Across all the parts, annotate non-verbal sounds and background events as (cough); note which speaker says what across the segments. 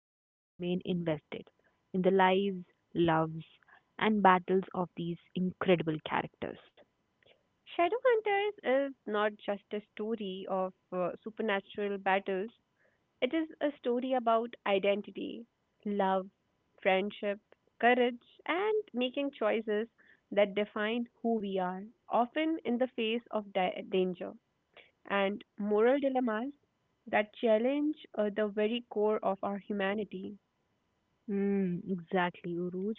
Speaker 1: people remain invested in the lives, loves, and battles of these incredible characters.
Speaker 2: Shadowhunters is not just a story of supernatural battles. It is a story about identity, love, friendship, courage, and making choices that define who we are, often in the face of danger and moral dilemmas that challenge the very core of our humanity.
Speaker 1: Mm, exactly, Uruj.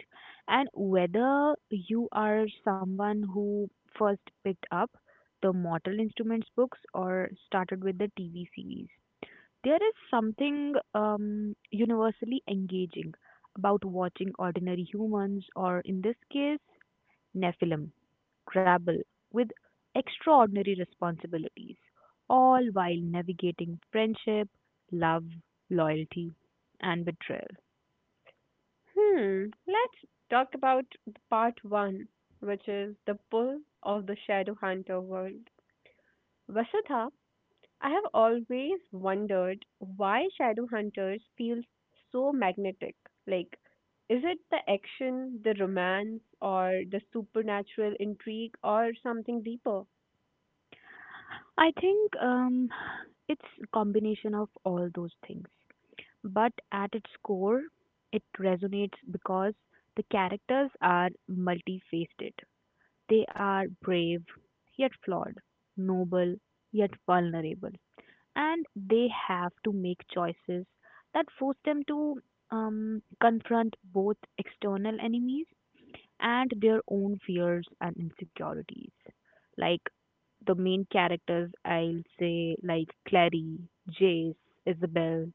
Speaker 1: And whether you are someone who first picked up the Mortal Instruments books or started with the TV series, there is something universally engaging about watching ordinary humans, or in this case, Nephilim grapple with extraordinary responsibilities, all while navigating friendship, love, loyalty, and betrayal.
Speaker 2: Hmm, let's talk about the part one, which is the pull of the Shadowhunter world. Vasudha, I have always wondered why shadow hunters feel so magnetic. Like, is it the action, the romance, or the supernatural intrigue, or something deeper?
Speaker 1: I think it's combination of all those things, but at its core, it resonates because the characters are multifaceted. They are brave yet flawed, noble yet vulnerable, and they have to make choices that force them to confront both external enemies and their own fears and insecurities. Like the main characters, I'll say, like Clary, Jace, Isabel,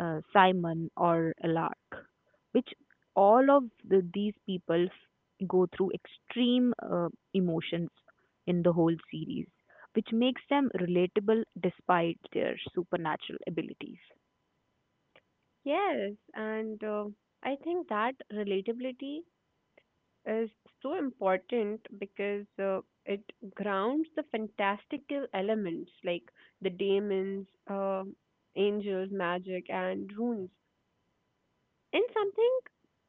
Speaker 1: Simon, or Lark, which all of these people go through extreme emotions in the whole series, which makes them relatable despite their supernatural abilities.
Speaker 2: Yes, and I think that relatability is so important because it grounds the fantastical elements like the demons, angels, magic, and runes, and something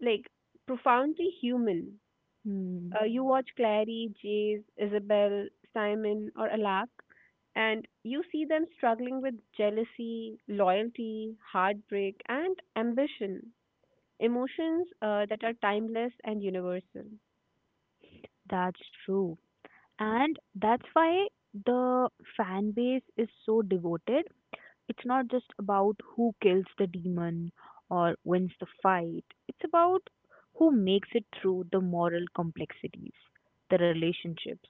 Speaker 2: like profoundly human.
Speaker 1: Hmm.
Speaker 2: You watch Clary, Jace, Isabel, Simon, or Alak, and you see them struggling with jealousy, loyalty, heartbreak, and ambition. Emotions that are timeless and universal.
Speaker 1: That's true. And that's why the fan base is so devoted. It's not just about who kills the demon or wins the fight. It's about who makes it through the moral complexities, the relationships,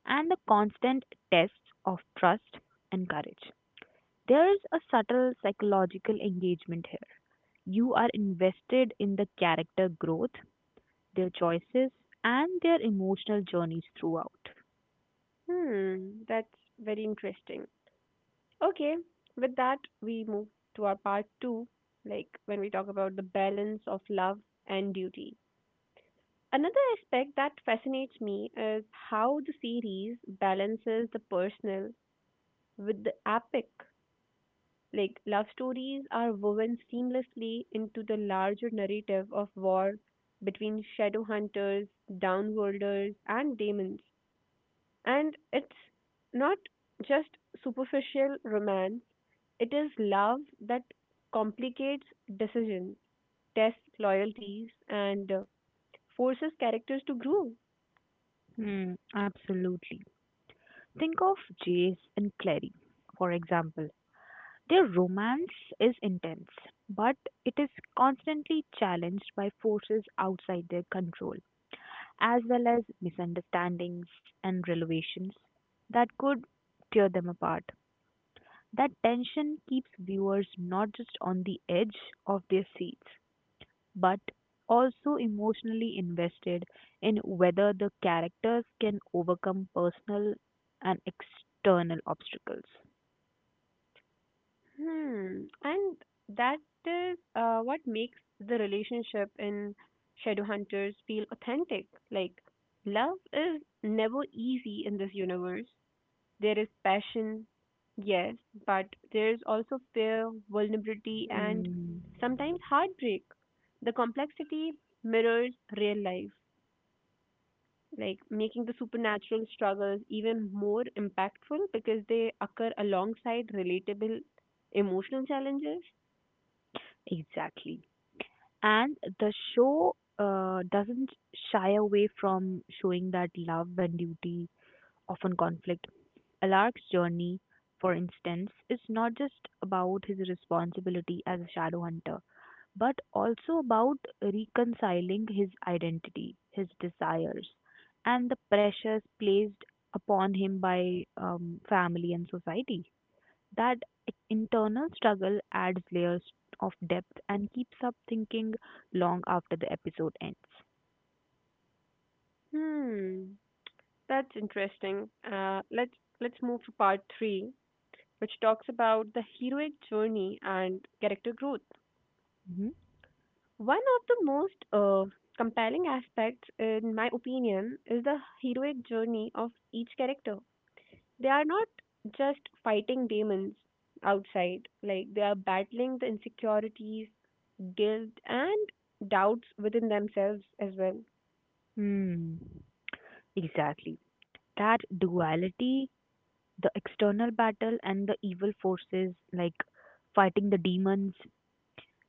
Speaker 1: and the constant tests of trust and courage. There is a subtle psychological engagement here. You are invested in the character growth, their choices, and their emotional journeys throughout.
Speaker 2: Hmm, that's very interesting. Okay, with that, we move to our part two, like when we talk about the balance of love and duty. Another aspect that fascinates me is how the series balances the personal with the epic. Like, love stories are woven seamlessly into the larger narrative of war between shadow hunters, downworlders, and demons. And it's not just superficial romance, it is love that complicates decisions, tests loyalties, and forces characters to grow.
Speaker 1: Hmm, absolutely. Think of Jace and Clary, for example. Their romance is intense, but it is constantly challenged by forces outside their control, as well as misunderstandings and revelations that could tear them apart. That tension keeps viewers not just on the edge of their seats, but also emotionally invested in whether the characters can overcome personal and external obstacles.
Speaker 2: Hmm. And that is what makes the relationship in Shadowhunters feel authentic. Like, love is never easy in this universe. There is passion, yes, but there's also fear, vulnerability, and
Speaker 1: Hmm.
Speaker 2: sometimes heartbreak. The complexity mirrors real life, like making the supernatural struggles even more impactful because they occur alongside relatable emotional challenges.
Speaker 1: Exactly. And the show doesn't shy away from showing that love and duty often conflict. Alaric's journey, for instance, is not just about his responsibility as a shadow hunter, but also about reconciling his identity, his desires, and the pressures placed upon him by family and society. That internal struggle adds layers of depth and keeps up thinking long after the episode ends.
Speaker 2: Hmm, that's interesting. Let's move to part three, which talks about the heroic journey and character growth.
Speaker 1: Mhm.
Speaker 2: One of the most compelling aspects, in my opinion, is the heroic journey of each character. They are not just fighting demons outside; like they are battling the insecurities, guilt, and doubts within themselves as well.
Speaker 1: Hmm. Exactly. That duality, the external battle and the evil forces like fighting the demons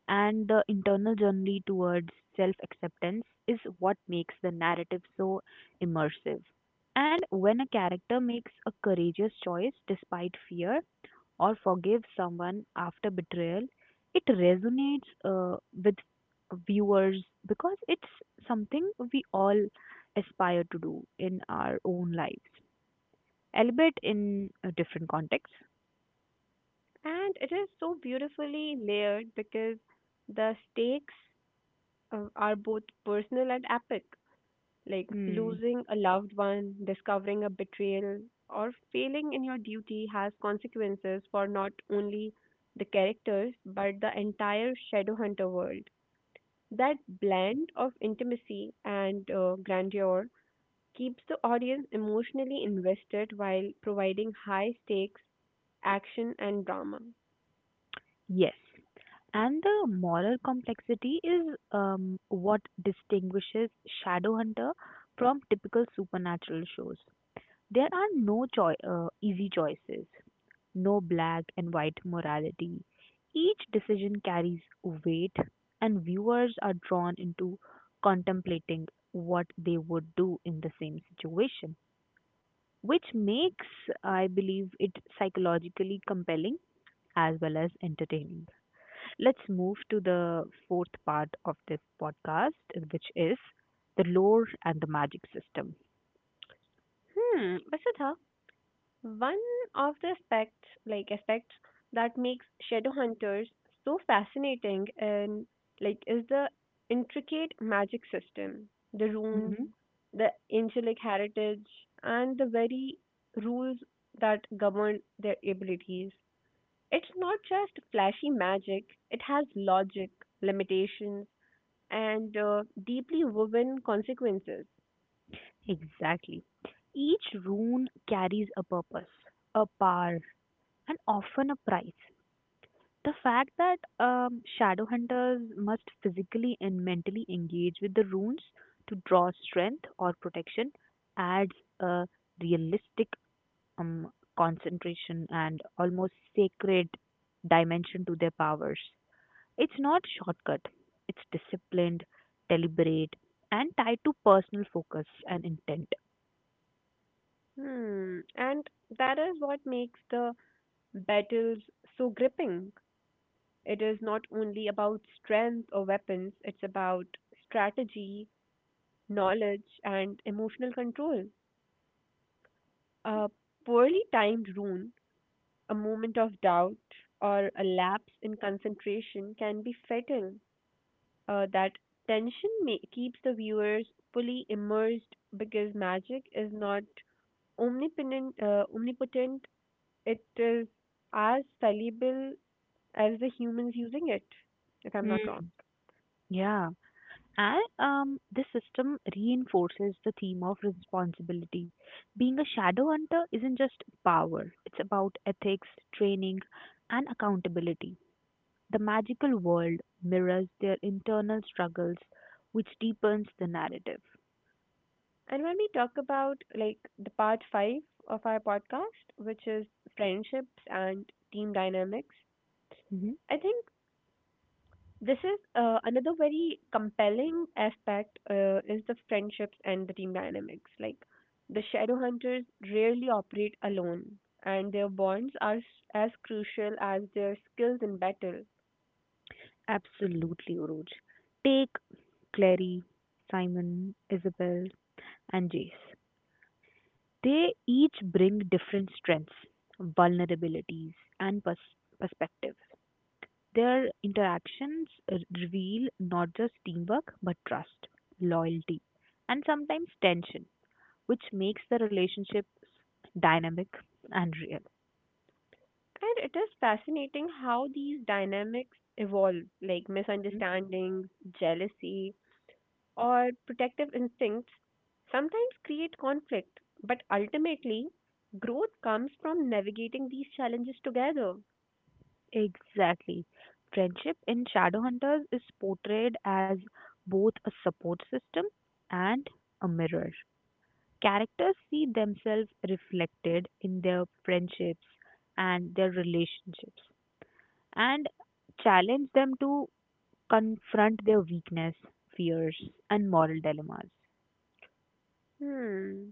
Speaker 1: and the internal journey towards self acceptance is what makes the narrative so immersive. And when a character makes a courageous choice despite fear, or forgive someone after betrayal, it resonates with viewers because it's something we all aspire to do in our own lives, albeit in a different context.
Speaker 2: And it is so beautifully layered because the stakes are both personal and epic, like
Speaker 1: Hmm.
Speaker 2: losing a loved one, discovering a betrayal, or failing in your duty has consequences for not only the characters but the entire Shadowhunter world. That blend of intimacy and grandeur keeps the audience emotionally invested while providing high stakes, action, and drama.
Speaker 1: Yes. And the moral complexity is what distinguishes Shadowhunter from typical supernatural shows. There are no easy choices. No black and white morality. Each decision carries weight, and viewers are drawn into contemplating what they would do in the same situation, which makes, I believe, it psychologically compelling as well as entertaining. Let's move to the fourth part of this podcast, which is the lore and the magic system.
Speaker 2: Vasudha, one of the aspects, that makes Shadowhunters so fascinating and is the intricate magic system, the runes,
Speaker 1: Hmm.
Speaker 2: the angelic heritage, and the very rules that govern their abilities. It's not just flashy magic; it has logic, limitations, and deeply woven consequences.
Speaker 1: Exactly. Each rune carries a purpose, a power, and often a price. The fact that shadow hunters must physically and mentally engage with the runes to draw strength or protection adds a realistic um, concentration and almost sacred dimension to their powers. It's not shortcut, it's disciplined, deliberate, and tied to personal focus and intent.
Speaker 2: Hmm, and that is what makes the battles so gripping. It is not only about strength or weapons, it's about strategy, knowledge, and emotional control. A poorly timed rune, a moment of doubt, or a lapse in concentration can be fatal. That tension keeps the viewers fully immersed because magic is not omnipotent, it is as fallible as the humans using it, if I'm not wrong.
Speaker 1: Hmm. Yeah. And this system reinforces the theme of responsibility. Being a shadow hunter isn't just power, it's about ethics, training, and accountability. The magical world mirrors their internal struggles, which deepens the narrative.
Speaker 2: And when we talk about the part five of our podcast, which is friendships and team dynamics,
Speaker 1: Mhm.
Speaker 2: I think this is another very compelling aspect is the friendships and the team dynamics. Like, the shadow hunters rarely operate alone, and their bonds are as crucial as their skills in battle.
Speaker 1: Absolutely, Uruj. Take Clary, Simon, Isabel, and Jace. They each bring different strengths, vulnerabilities, and perspective. Their interactions reveal not just teamwork, but trust, loyalty, and sometimes tension, which makes the relationships dynamic and real.
Speaker 2: And it is fascinating how these dynamics evolve, like
Speaker 1: Mhm.
Speaker 2: misunderstandings, jealousy, or protective instincts sometimes create conflict, but ultimately, growth comes from navigating these challenges together.
Speaker 1: Exactly. Friendship in Shadowhunters is portrayed as both a support system and a mirror. Characters see themselves reflected in their friendships and their relationships and challenge them to confront their weakness, fears, and moral dilemmas.
Speaker 2: Hmm.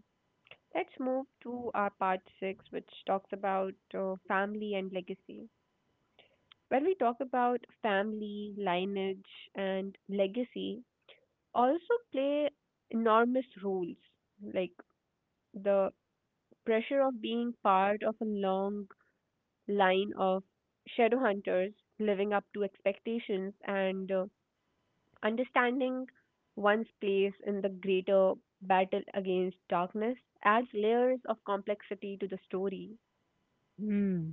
Speaker 2: Let's move to our part six, which talks about family and legacy. When we talk about family, lineage, and legacy, also play enormous roles, like the pressure of being part of a long line of shadow hunters, living up to expectations, and understanding one's place in the greater battle against darkness adds layers of complexity to the story.
Speaker 1: Hmm,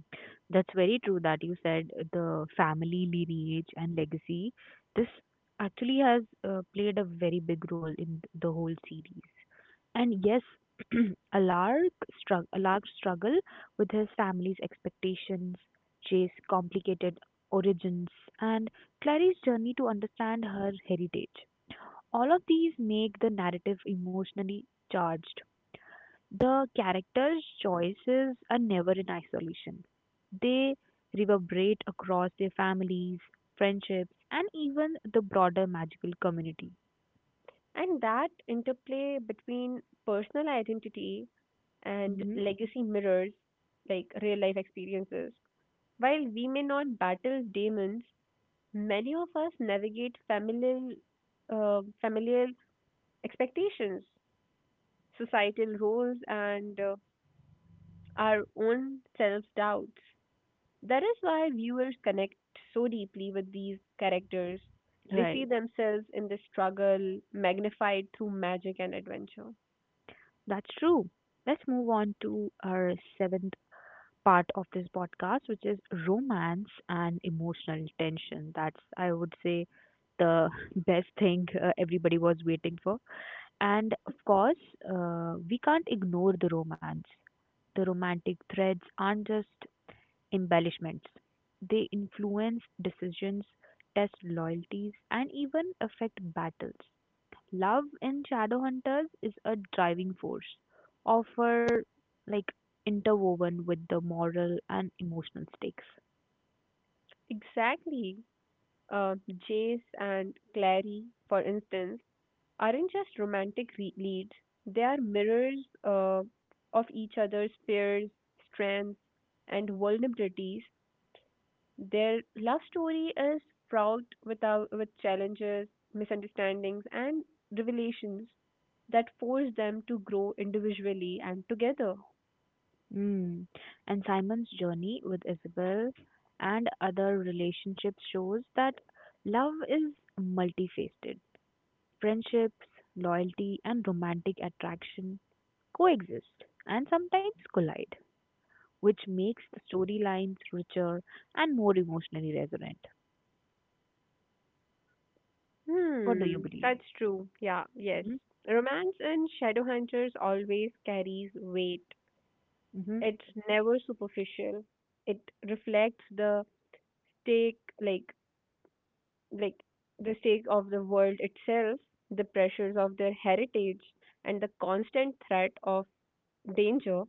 Speaker 1: that's very true that you said the family lineage and legacy. This actually has played a very big role in the whole series. And yes, (clears throat) Alark Alark's struggle with his family's expectations, Jay's complicated origins, and Clary's journey to understand her heritage. All of these make the narrative emotionally charged. The characters' choices are never in isolation. They reverberate across their families, friendships, and even the broader magical community.
Speaker 2: And that interplay between personal identity and
Speaker 1: Hmm.
Speaker 2: legacy mirrors, like real life experiences. While we may not battle demons, many of us navigate familial expectations, societal roles, and our own self doubts. That is why viewers connect so deeply with these characters. They see
Speaker 1: Right,
Speaker 2: themselves in the struggle magnified through magic and adventure.
Speaker 1: that's true. Let's move on to our seventh part of this podcast, which is romance and emotional tension. That's, I would say, the (laughs) best thing everybody was waiting for. And of course, we can't ignore the romance. The romantic threads aren't just embellishments, they influence decisions, test loyalties, and even affect battles. Love in Shadowhunters is a driving force, offer like interwoven with the moral and emotional stakes.
Speaker 2: Exactly. Uh, Jace and Clary, for instance, aren't just leads, they are mirrors uh, of each other's fears, strengths, and vulnerabilities. Their love story is fraught without, with challenges, misunderstandings, and revelations that force them to grow individually and together.
Speaker 1: Mm. And Simon's journey with Isabel and other relationships shows that love is multifaceted. Friendships, loyalty, and romantic attraction coexist and sometimes collide, which makes the storylines richer and more emotionally resonant. What do you
Speaker 2: Hmm,
Speaker 1: believe?
Speaker 2: that's true. Yeah, yes.
Speaker 1: Hmm.
Speaker 2: Romance in Shadowhunters always carries weight.
Speaker 1: Hmm.
Speaker 2: It's never superficial. It reflects the stake, like the stake of the world itself, the pressures of their heritage, and the constant threat of danger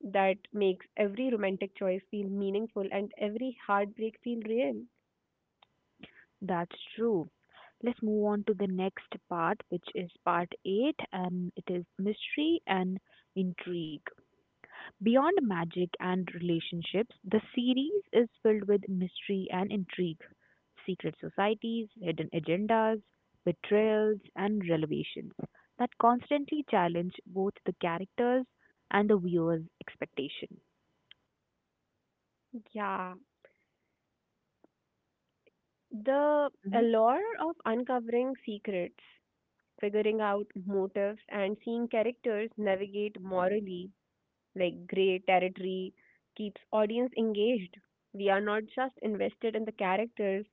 Speaker 2: that makes every romantic choice feel meaningful and every heartbreak feel real.
Speaker 1: That's true. Let's move on to the next part, which is part 8, and it is mystery and intrigue. Beyond magic and relationships, the series is filled with mystery and intrigue, secret societies, hidden agendas, betrayals, and revelations that constantly challenge both the characters and the viewer's expectation.
Speaker 2: Yeah, the
Speaker 1: Mhm.
Speaker 2: allure of uncovering secrets, figuring out motives, and seeing characters navigate morally like gray territory keeps audience engaged. We are not just invested in the characters'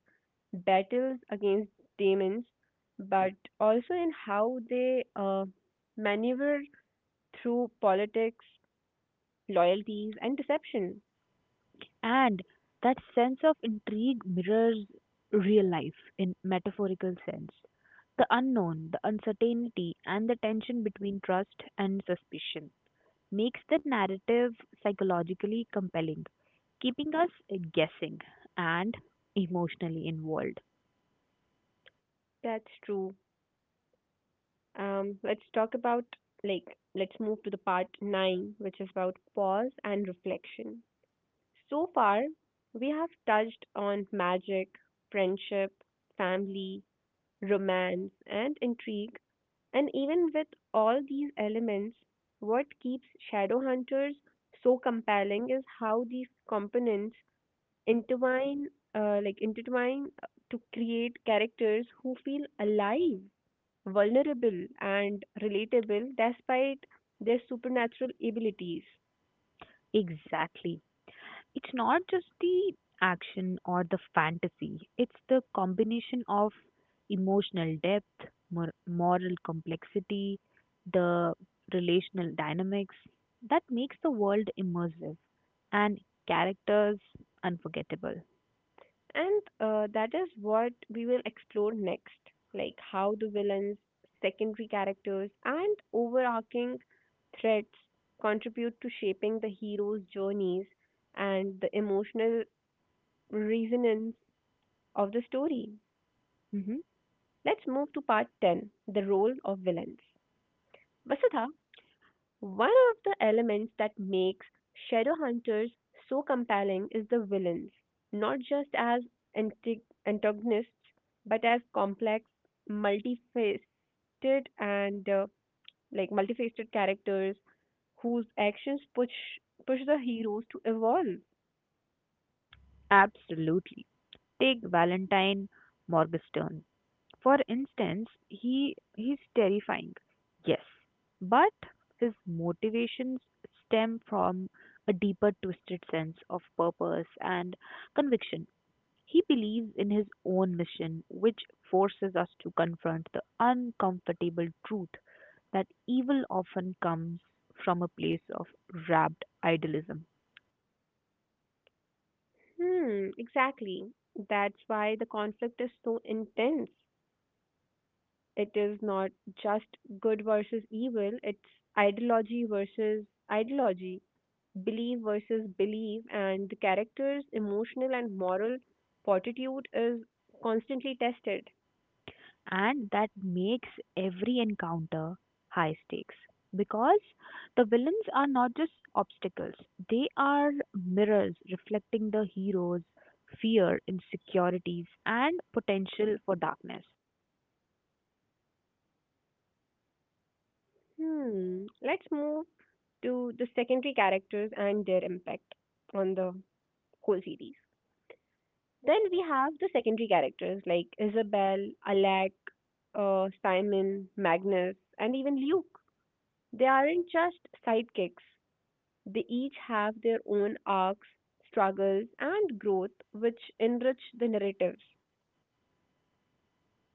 Speaker 2: battles against demons, but also in how they maneuver through politics, loyalties, and deception.
Speaker 1: And that sense of intrigue mirrors real life in metaphorical sense. The unknown, the uncertainty, and the tension between trust and suspicion makes the narrative psychologically compelling, keeping us guessing and emotionally involved.
Speaker 2: That's true. Let's talk about like let's move to the part nine, which is about pause and reflection. So far, we have touched on magic, friendship, family, romance, and intrigue. And even with all these elements, what keeps Shadowhunters so compelling is how these components intertwine, intertwine to create characters who feel alive, vulnerable and relatable despite their supernatural abilities.
Speaker 1: Exactly. It's not just the action or the fantasy, it's the combination of emotional depth, moral complexity, the relational dynamics that makes the world immersive and characters unforgettable.
Speaker 2: And that is what we will explore next, like how the villains, secondary characters, and overarching threats contribute to shaping the hero's journeys and the emotional resonance of the story.
Speaker 1: Hmm.
Speaker 2: Let's move to part 10, the role of villains. Vasudha, one of the elements that makes Shadowhunters so compelling is the villains, not just as anti- antagonists, but as complex, multifaceted and multifaceted characters whose actions push the heroes to evolve.
Speaker 1: Absolutely. Take Valentine Morgenstern. For instance, he's terrifying. Yes, but his motivations stem from a deeper twisted sense of purpose and conviction. He believes in his own mission, which forces us to confront the uncomfortable truth that evil often comes from a place of rapt idealism.
Speaker 2: Hmm, exactly. That's why the conflict is so intense. It is not just good versus evil, it's ideology versus ideology, belief versus belief, and the character's emotional and moral fortitude is constantly tested.
Speaker 1: And that makes every encounter high stakes because the villains are not just obstacles, they are mirrors reflecting the hero's fear, insecurities, and potential for darkness.
Speaker 2: Hmm. Let's move to the secondary characters and their impact on the whole series. Then we have the secondary characters like Isabel, Alec, Simon, Magnus, and even Luke. They aren't just sidekicks. They each have their own arcs, struggles, and growth, which enrich the narratives.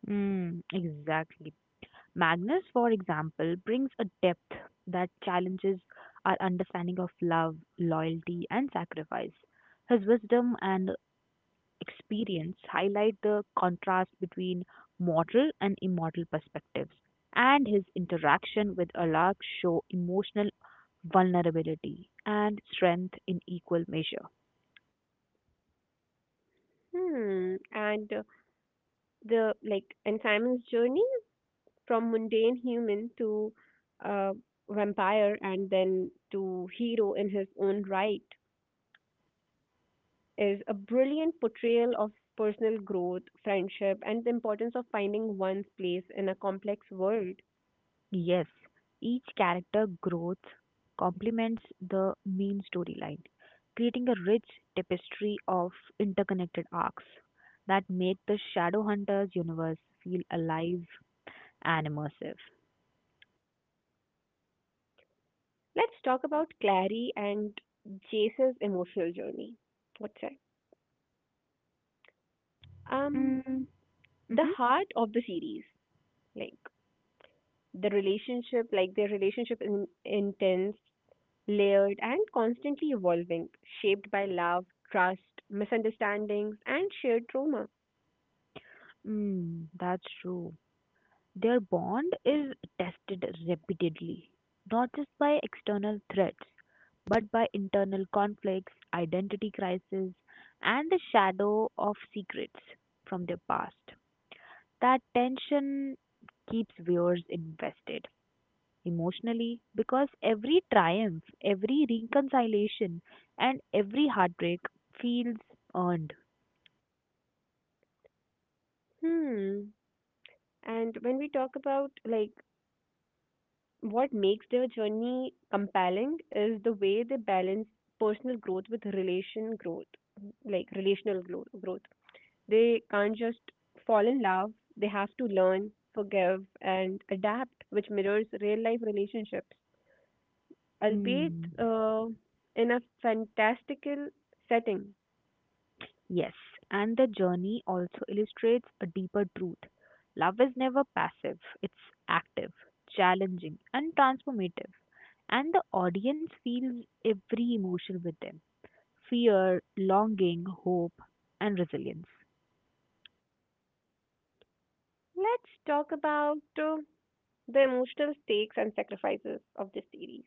Speaker 1: Mm, exactly. Magnus, for example, brings a depth that challenges our understanding of love, loyalty, and sacrifice. His wisdom and experience highlight the contrast between mortal and immortal perspectives, and his interaction with Allah show emotional vulnerability and strength in equal measure.
Speaker 2: Hmm. And the like and Simon's journey from mundane human to uh, vampire and then to hero in his own right is a brilliant portrayal of personal growth, friendship, and the importance of finding one's place in a complex world.
Speaker 1: Yes, each character growth complements the main storyline, creating a rich tapestry of interconnected arcs that make the Shadowhunters universe feel alive and immersive.
Speaker 2: Let's talk about Clary and Jace's emotional journey. What's that? Um,
Speaker 1: Mm-hmm.
Speaker 2: the heart of the series, like like their relationship in intense, layered and constantly evolving, shaped by love, trust, misunderstandings, and shared trauma.
Speaker 1: Mm, that's true. Their bond is tested repeatedly, not just by external threats, but by internal conflicts, identity crisis, and the shadow of secrets from their past. That tension keeps viewers invested emotionally because every triumph, every reconciliation, and every heartbreak feels earned.
Speaker 2: Hmm. And when we talk about what makes their journey compelling is the way they balance personal growth with relation growth, like relational growth. They can't just fall in love, they have to learn, forgive, and adapt, which mirrors real life relationships,
Speaker 1: Hmm.
Speaker 2: albeit uh, in a fantastical setting.
Speaker 1: Yes, and the journey also illustrates a deeper truth. Love is never passive, it's active, challenging, and transformative. And the audience feels every emotion with them fear, longing, hope, and resilience.
Speaker 2: Let's talk about the emotional stakes and sacrifices of this series.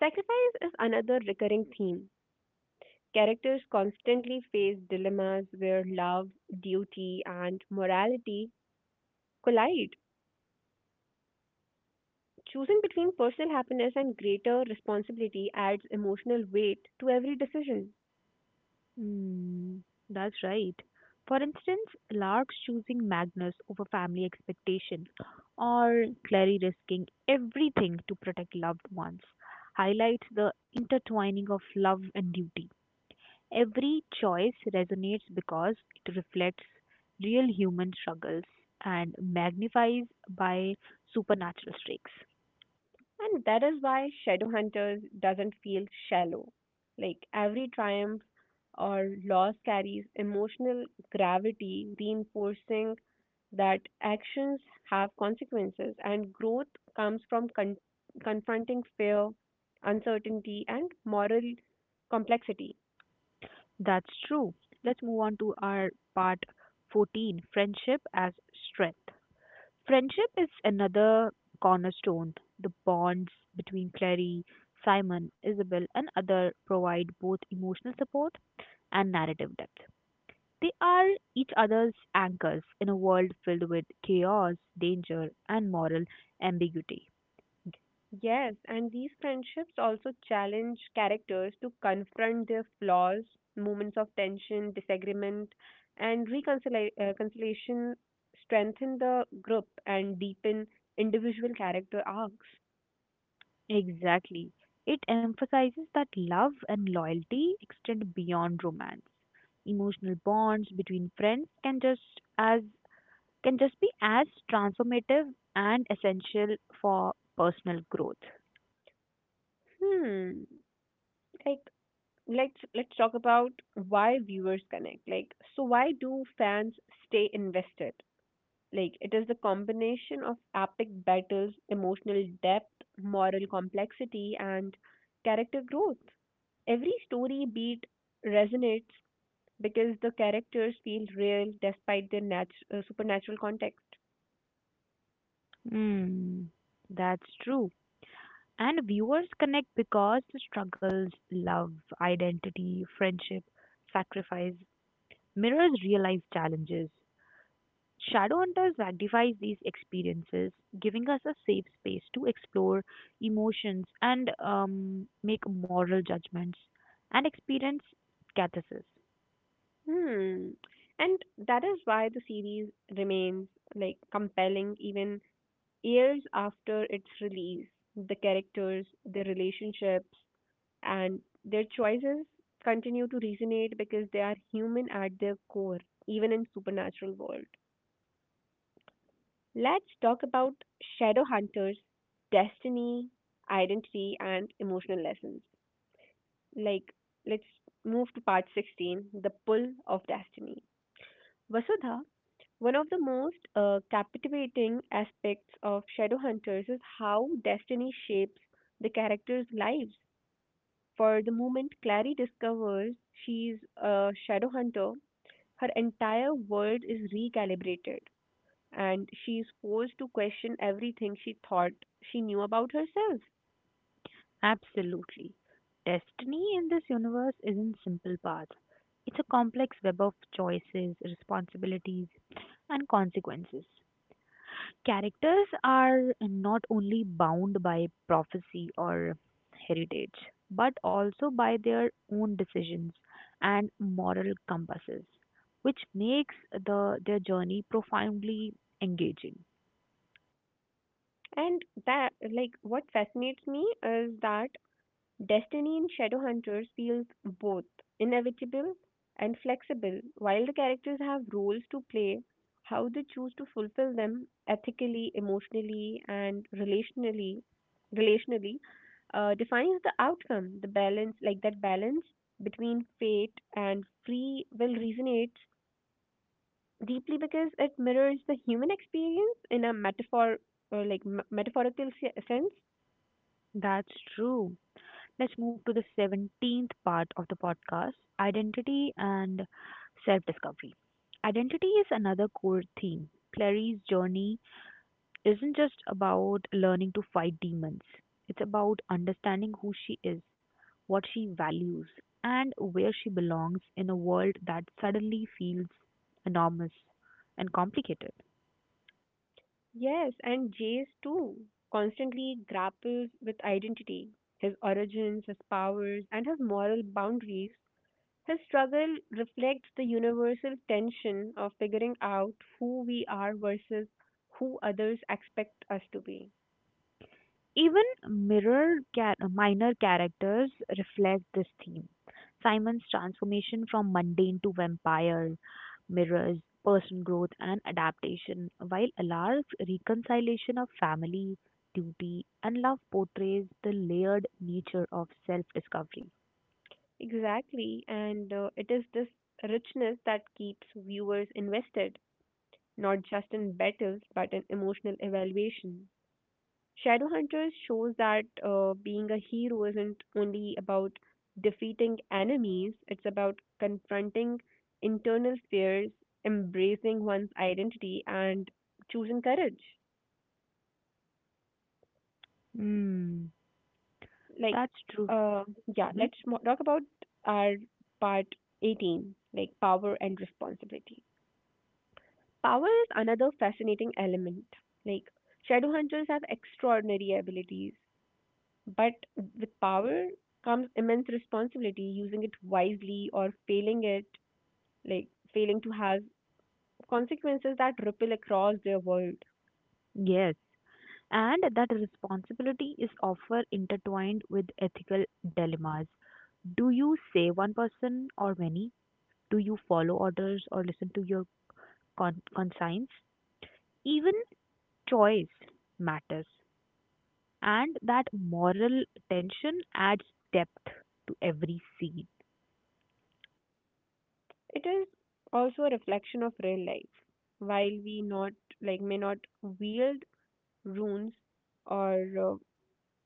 Speaker 2: Sacrifice is another recurring theme. Characters constantly face dilemmas where love, duty, and morality collide. Choosing between personal happiness and greater responsibility adds emotional weight to every decision.
Speaker 1: Hmm, that's right. For instance, Lark choosing Magnus over family expectation, or Clary risking everything to protect loved ones, highlights the intertwining of love and duty. Every choice resonates because it reflects real human struggles and magnifies by supernatural streaks.
Speaker 2: And that is why Shadowhunters doesn't feel shallow. Like every triumph or loss carries emotional gravity, reinforcing that actions have consequences, and growth comes from confronting fear, uncertainty, and moral complexity.
Speaker 1: That's true. Let's move on to our part 14 Friendship as Strength. Friendship is another cornerstone. The bonds between Clary, Simon, Isabel, and other provide both emotional support and narrative depth. They are each other's anchors in a world filled with chaos, danger, and moral ambiguity.
Speaker 2: Yes, and these friendships also challenge characters to confront their flaws. Moments of tension, disagreement, and reconciliation conciliation strengthen the group and deepen individual character arcs.
Speaker 1: Exactly. It emphasizes that love and loyalty extend beyond romance. Emotional bonds between friends can just be as transformative and essential for personal growth.
Speaker 2: Hmm. Like let's talk about why viewers connect, like, so why do fans stay invested. Like, it is the combination of epic battles, emotional depth, moral complexity and character growth. Every story beat resonates because the characters feel real despite their supernatural context.
Speaker 1: Hmm, that's true. And viewers connect because the struggles, love, identity, friendship, sacrifice, mirrors real life challenges. Shadowhunters magnifies these experiences, giving us a safe space to explore emotions and make moral judgments and experience catharsis.
Speaker 2: Hmm, and that is why the series remains compelling even years after its release. The characters, their relationships, and their choices continue to resonate because they are human at their core, even in supernatural world. Let's talk about Shadowhunters, destiny, identity, and emotional lessons. Like, let's move to part 16, the pull of destiny. Vasudha, one of the most captivating aspects of Shadowhunters is how destiny shapes the characters' lives. For the moment Clary discovers she's a Shadowhunter, her entire world is recalibrated and she's forced to question everything she thought she knew about herself.
Speaker 1: Absolutely. Destiny in this universe isn't simple path. It's a complex web of choices, responsibilities, and consequences. Characters are not only bound by prophecy or heritage, but also by their own decisions and moral compasses, which makes their journey profoundly engaging.
Speaker 2: And that, like, what fascinates me is that Destiny in Shadowhunters feels both inevitable and flexible. While the characters have roles to play, how they choose to fulfill them ethically, emotionally, and relationally, defines the outcome. The balance, that balance between fate and free will, resonates deeply because it mirrors the human experience in a metaphor, or metaphorical sense.
Speaker 1: That's true. Let's move to the 17th part of the podcast identity and self discovery. Identity is another core theme. Clary's journey isn't just about learning to fight demons, it's about understanding who she is, what she values, and where she belongs in a world that suddenly feels enormous and complicated.
Speaker 2: Yes, and Jace too constantly grapples with identity, his origins, his powers, and his moral boundaries. His struggle reflects the universal tension of figuring out who we are versus who others expect us to be.
Speaker 1: Even minor characters reflect this theme. Simon's transformation from mundane to vampire mirrors personal growth and adaptation, while Alar's reconciliation of family, duty, and love portrays the layered nature of self discovery.
Speaker 2: Exactly, and it is this richness that keeps viewers invested, not just in battles, but in emotional evaluation. Shadowhunters shows that being a hero isn't only about defeating enemies, it's about confronting internal fears, embracing one's identity, and choosing courage.
Speaker 1: Hmm,
Speaker 2: Like,
Speaker 1: that's true.
Speaker 2: uh, yeah,
Speaker 1: hmm
Speaker 2: let's talk about our part 18, like power and responsibility. Power is another fascinating element. Like, Shadowhunters have extraordinary abilities, but with power comes immense responsibility, using it wisely or failing it, like failing to have consequences that ripple across their world.
Speaker 1: Yes, and that responsibility is often intertwined with ethical dilemmas. Do you save one person or many? Do you follow orders or listen to your conscience? Even choice matters, and that moral tension adds depth to every scene.
Speaker 2: It is also a reflection of real life. While we not like may not wield runes or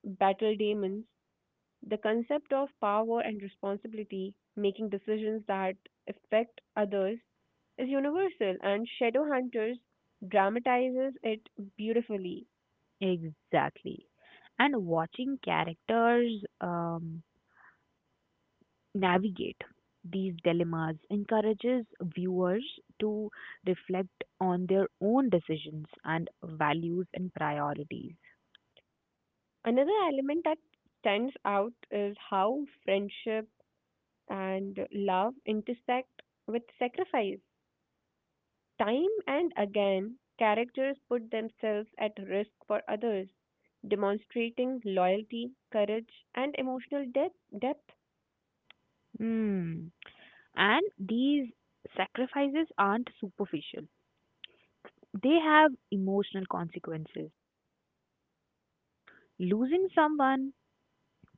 Speaker 2: battle demons, the concept of power and responsibility, making decisions that affect others, is universal, and Shadow Hunters dramatizes it beautifully.
Speaker 1: Exactly. And watching characters um, navigate these dilemmas encourages viewers to reflect on their own decisions and values and priorities.
Speaker 2: Another element that stands out is how friendship and love intersect with sacrifice. Time and again, characters put themselves at risk for others, demonstrating loyalty, courage, and emotional depth.
Speaker 1: Hmm. And these sacrifices aren't superficial, they have emotional consequences. Losing someone,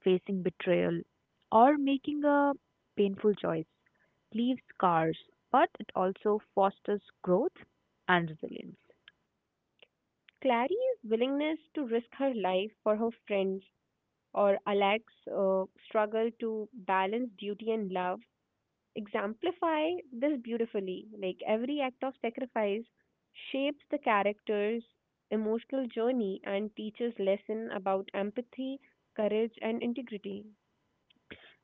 Speaker 1: facing betrayal, or making a painful choice leaves scars, but it also fosters growth and resilience.
Speaker 2: Clary's willingness to risk her life for her friends, or Alec's struggle to balance duty and love, exemplify this beautifully. Like every act of sacrifice shapes the character's emotional journey and teaches lesson about empathy, courage and integrity.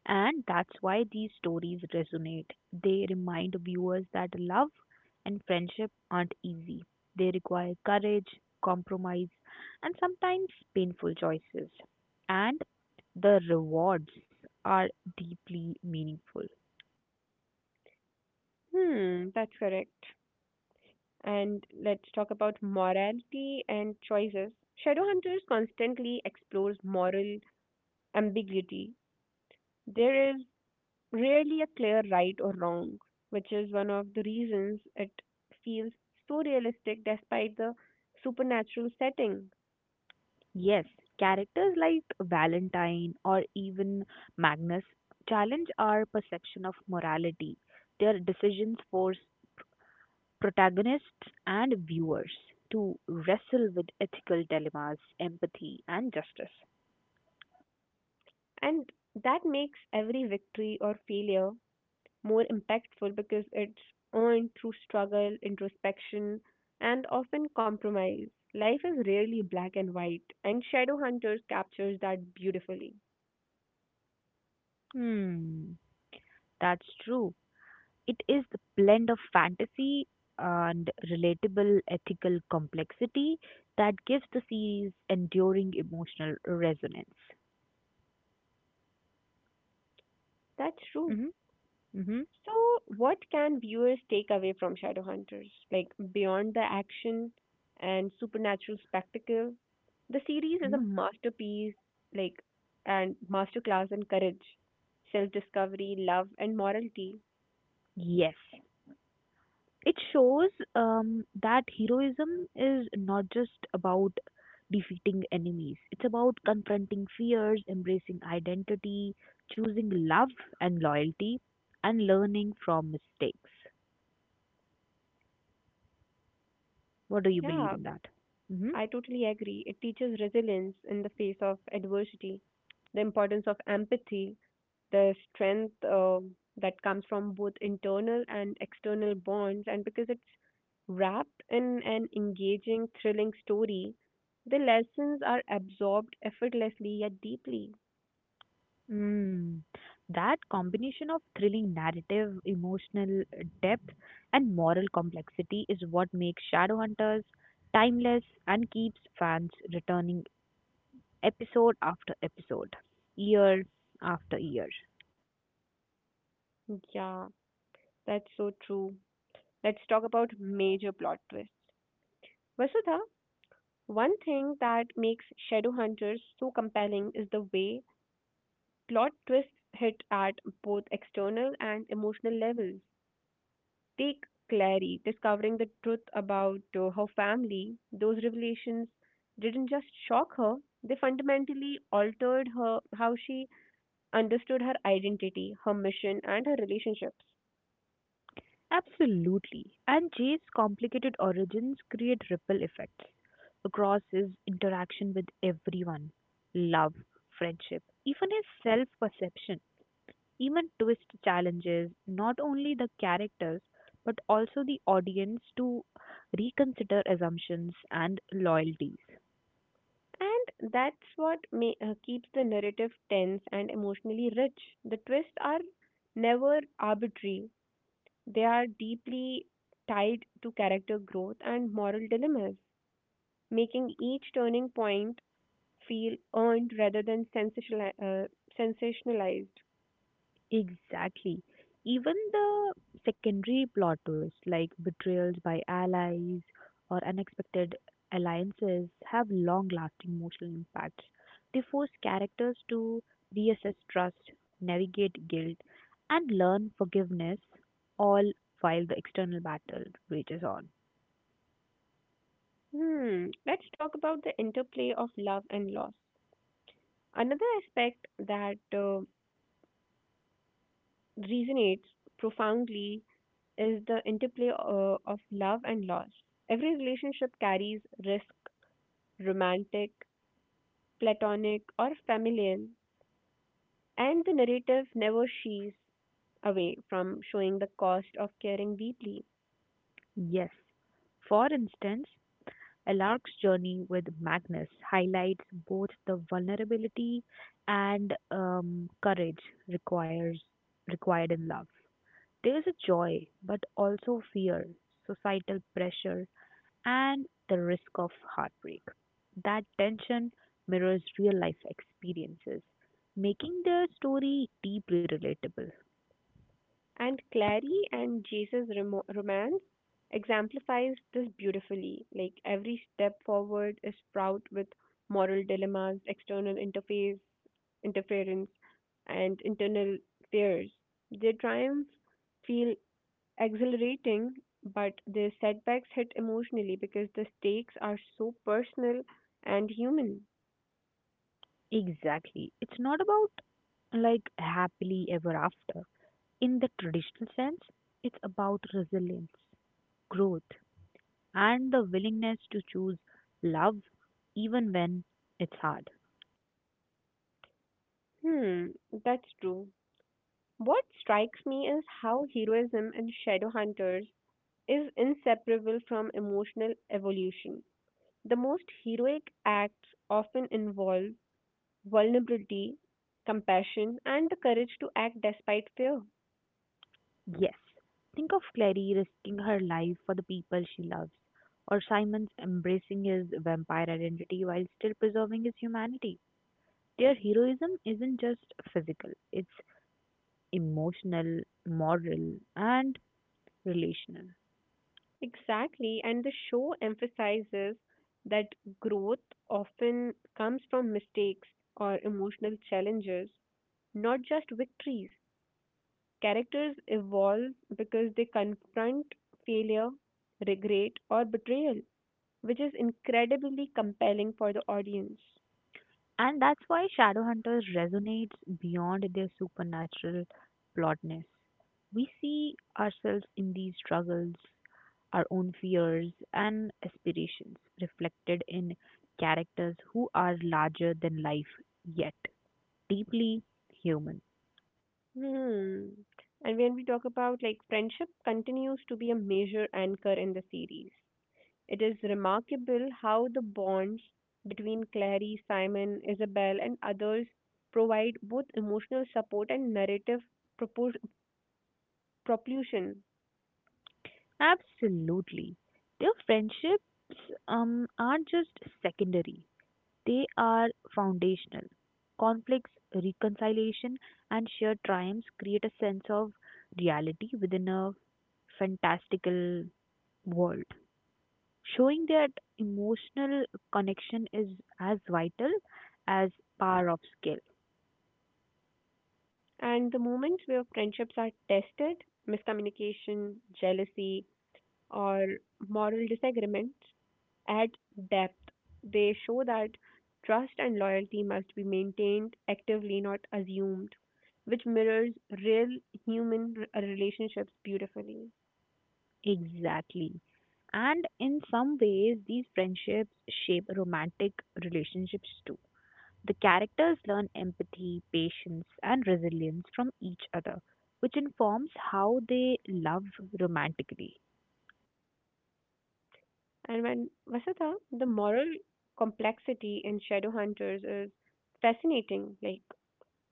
Speaker 1: And that's why these stories resonate. They remind viewers that love and friendship aren't easy. They require courage, compromise, and sometimes painful choices. And the rewards are deeply meaningful.
Speaker 2: Hmm, that's correct. And let's talk about morality and choices. Shadowhunters constantly explores moral ambiguity. There is rarely a clear right or wrong, which is one of the reasons it feels so realistic despite the supernatural setting.
Speaker 1: Yes, characters like Valentine or even Magnus challenge our perception of morality. Their decisions force protagonists and viewers to wrestle with ethical dilemmas, empathy, and justice.
Speaker 2: And that makes every victory or failure more impactful because it's earned through struggle, introspection, and often compromise. Life is rarely black and white, and Shadow Hunters captures that beautifully.
Speaker 1: Hmm, that's true. It is the blend of fantasy and relatable ethical complexity that gives the series enduring emotional resonance.
Speaker 2: That's true.
Speaker 1: hmm hmm
Speaker 2: So, what can viewers take away from Shadowhunters? Like, beyond the action and supernatural spectacle, the series is a
Speaker 1: hmm
Speaker 2: masterpiece, like, and masterclass in courage, self discovery, love, and morality.
Speaker 1: Yes. It shows that heroism is not just about defeating enemies, it's about confronting fears, embracing identity, choosing love and loyalty, and learning from mistakes. What do you believe
Speaker 2: Yeah,
Speaker 1: in that hmm
Speaker 2: I totally agree. It teaches resilience in the face of adversity, the importance of empathy, the strength that comes from both internal and external bonds, and because it's wrapped in an engaging, thrilling story, the lessons are absorbed effortlessly yet deeply.
Speaker 1: mm. That combination of thrilling narrative, emotional depth and moral complexity is what makes Shadowhunters timeless and keeps fans returning episode after episode, year after year.
Speaker 2: Yeah, that's so true. Let's talk about major plot twists. Vasudha, one thing that makes Shadowhunters so compelling is the way plot twists hit at both external and emotional levels. Take Clary discovering the truth about her family. Those revelations didn't just shock her, they fundamentally altered her how she understood her identity, her mission, and her relationships.
Speaker 1: Absolutely. And Jay's complicated origins create ripple effects across his interaction with everyone, love, friendship, even his self perception. Even twist challenges not only the characters but also the audience to reconsider assumptions and loyalties.
Speaker 2: And that's what keeps the narrative tense and emotionally rich. The twists are never arbitrary, they are deeply tied to character growth and moral dilemmas, making each turning point feel earned rather than sensationalized.
Speaker 1: Exactly. Even the secondary plot twists like betrayals by allies or unexpected alliances have long lasting emotional impacts. They force characters to reassess trust, navigate guilt, and learn forgiveness, all while the external battle rages on.
Speaker 2: Hmm. Let's talk about the interplay of love and loss. Another aspect that resonates profoundly is the interplay of love and loss. Every relationship carries risk, romantic, platonic, or familial, and the narrative never shees away from showing the cost of caring deeply.
Speaker 1: Yes. For instance, A Lark's Journey with Magnus highlights both the vulnerability and courage requires required in love. There's a joy, but also fear, societal pressure, and the risk of heartbreak. That tension mirrors real life experiences, making their story deeply relatable.
Speaker 2: And Clary and Jace's remo romance exemplifies this beautifully. Like every step forward is fraught with moral dilemmas, interference, and internal fears. Their triumphs feel exhilarating, but their setbacks hit emotionally because the stakes are so personal and human.
Speaker 1: Exactly. It's not about like happily ever after. In the traditional sense, it's about resilience, growth, and the willingness to choose love even when it's hard.
Speaker 2: Hmm, that's true. What strikes me is how heroism in Shadowhunters is inseparable from emotional evolution. The most heroic acts often involve vulnerability, compassion, and the courage to act despite fear.
Speaker 1: Yes, think of Clary risking her life for the people she loves, or Simon's embracing his vampire identity while still preserving his humanity. Their heroism isn't just physical, it's emotional, moral, and relational.
Speaker 2: Exactly, and the show emphasizes that growth often comes from mistakes or emotional challenges, not just victories. Characters evolve because they confront failure, regret, or betrayal, which is incredibly compelling for the audience.
Speaker 1: And that's why Shadowhunters resonates beyond their supernatural plotness. We see ourselves in these struggles, our own fears and aspirations reflected in characters who are larger than life yet deeply human.
Speaker 2: Hmm. And when we talk about friendship continues to be a major anchor in the series. It is remarkable how the bonds between Clary, Simon, Isabel, and others provide both emotional support and narrative propos- propulsion.
Speaker 1: Absolutely. Their friendships aren't just secondary, they are foundational. Conflicts, reconciliation, and shared triumphs create a sense of reality within a fantastical world, showing that emotional connection is as vital as power of skill.
Speaker 2: And the moments where friendships are tested, miscommunication, jealousy, or moral disagreement at depth. They show that trust and loyalty must be maintained actively, not assumed, which mirrors real human relationships beautifully.
Speaker 1: Exactly. And in some ways, these friendships shape romantic relationships too. The characters learn empathy, patience, and resilience from each other, which informs how they love romantically.
Speaker 2: And when Vasudha, the moral complexity in Shadow Hunters is fascinating. Like,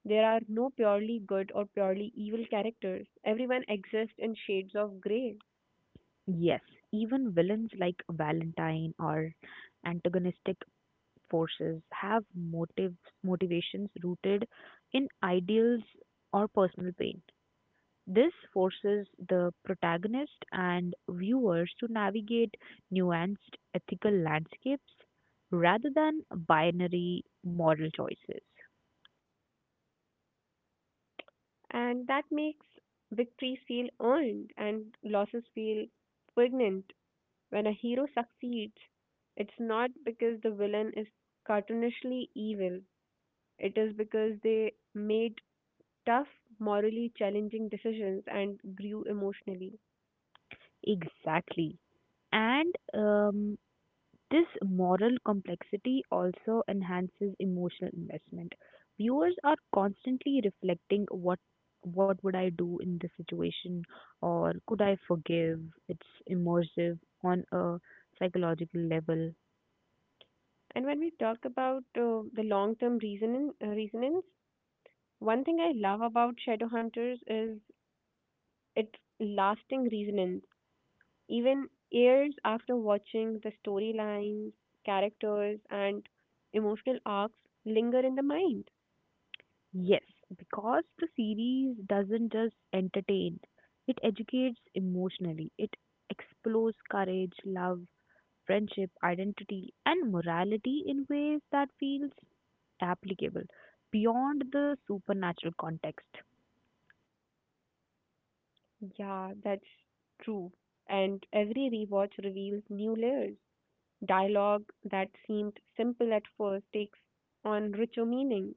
Speaker 2: there are no purely good or purely evil characters, everyone exists in shades of grey.
Speaker 1: Yes, even villains like Valentine or antagonistic forces have motives, motivations rooted in ideals or personal pain. This forces the protagonist and viewers to navigate nuanced ethical landscapes rather than binary moral choices.
Speaker 2: And that makes victories feel earned and losses feel poignant. When a hero succeeds, it's not because the villain is cartoonishly evil, it is because they made tough, morally challenging decisions and grew emotionally.
Speaker 1: Exactly. And this moral complexity also enhances emotional investment. Viewers are constantly reflecting what would I do in this situation, or could I forgive? It's immersive on a psychological level.
Speaker 2: And when we talk about the long term resonance, one thing I love about Shadowhunters is its lasting resonance. Even years after watching the storylines, characters, and emotional arcs linger in the mind.
Speaker 1: Yes, because the series doesn't just entertain, it educates emotionally. It explores courage, love, friendship, identity, and morality in ways that feels applicable beyond the supernatural context.
Speaker 2: Yeah, that's true. And every rewatch reveals new layers. Dialogue that seemed simple at first takes on richer meaning,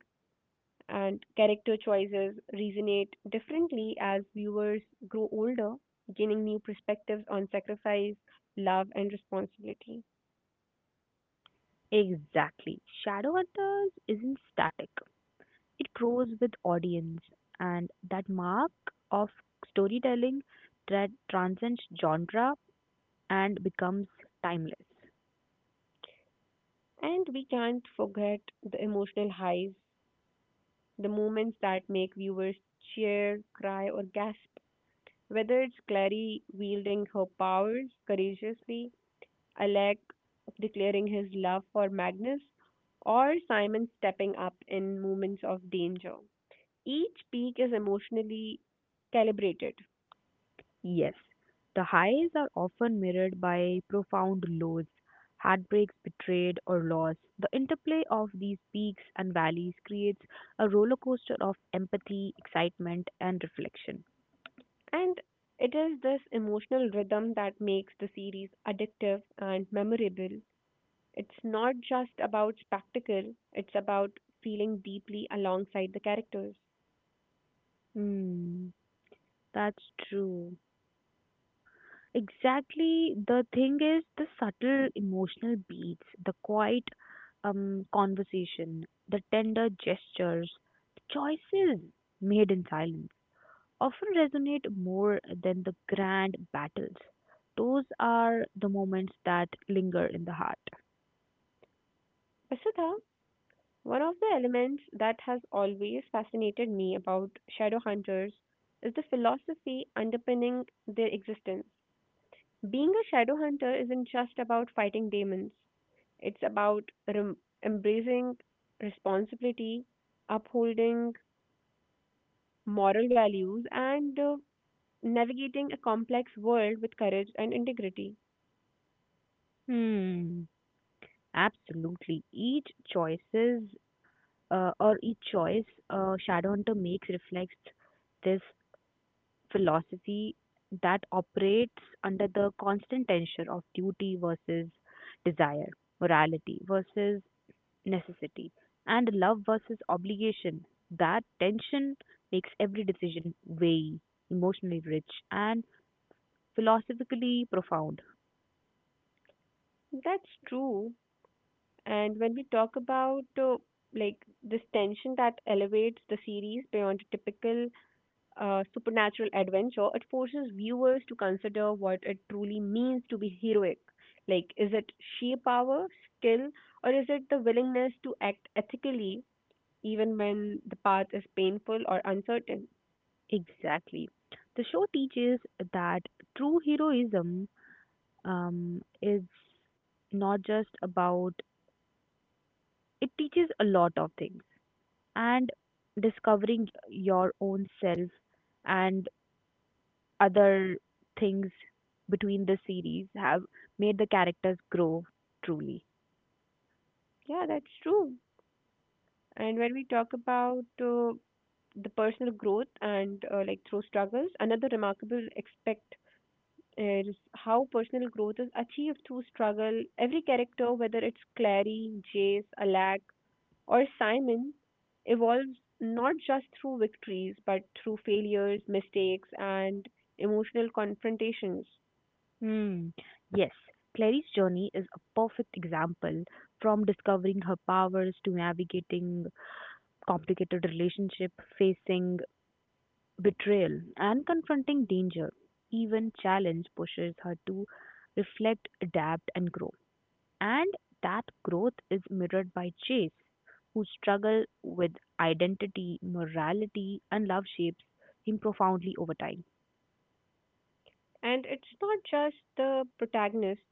Speaker 2: and character choices resonate differently as viewers grow older, gaining new perspectives on sacrifice, love, and responsibility.
Speaker 1: Exactly. Shadowhunters isn't static. It grows with audience and that mark of storytelling that transcends genre and becomes timeless.
Speaker 2: And we can't forget the emotional highs, the moments that make viewers cheer, cry, or gasp whether it's Clary wielding her powers courageously, a leg declaring his love for Magnus, or Simon stepping up in moments of danger. Each peak is emotionally calibrated,
Speaker 1: Yes, the highs are often mirrored by profound lows, heartbreaks, betrayed, or loss. The interplay of these peaks and valleys creates a roller coaster of empathy, excitement, and reflection.
Speaker 2: and it is this emotional rhythm that makes the series addictive and memorable. It's not just about spectacle, it's about feeling deeply alongside the characters.
Speaker 1: Hmm, that's true. Exactly, the thing is the subtle emotional beats, the quiet conversation, the tender gestures, the choices made in silence often resonate more than the grand battles. Those are the moments that linger in the heart.
Speaker 2: Vasudha, one of the elements that has always fascinated me about shadow hunters is the philosophy underpinning their existence. Being a shadow hunter isn't just about fighting demons, it's about rem- embracing responsibility, upholding moral values, and navigating a complex world with courage and integrity.
Speaker 1: Hmm. Absolutely. Choices each choice Shadowhunter makes reflects this philosophy that operates under the constant tension of duty versus desire, morality versus necessity and love versus obligation. That tension makes every decision very emotionally rich and philosophically profound.
Speaker 2: That's true. And when we talk about like this tension that elevates the series beyond a typical supernatural adventure, it forces viewers to consider what it truly means to be heroic. Like, is it sheer power, skill, or is it the willingness to act ethically even when the path is painful or uncertain?
Speaker 1: Exactly. The show teaches that true heroism is not just about, it teaches a lot of things and discovering your own self and other things between the series have made the characters grow truly.
Speaker 2: Yeah, that's true. And when we talk about the personal growth and through struggles, another remarkable aspect is how personal growth is achieved through struggle. Every character, whether it's Clary, Jace, Alak, or Simon evolves not just through victories but through failures, mistakes, and emotional confrontations.
Speaker 1: Hmm. Yes, Clary's journey is a perfect example, from discovering her powers to navigating complicated relationship, facing betrayal and confronting danger. Even challenge pushes her to reflect, adapt and grow. And that growth is mirrored by Chase, who struggle with identity, morality and love shapes him profoundly over time.
Speaker 2: And it's not just the protagonists,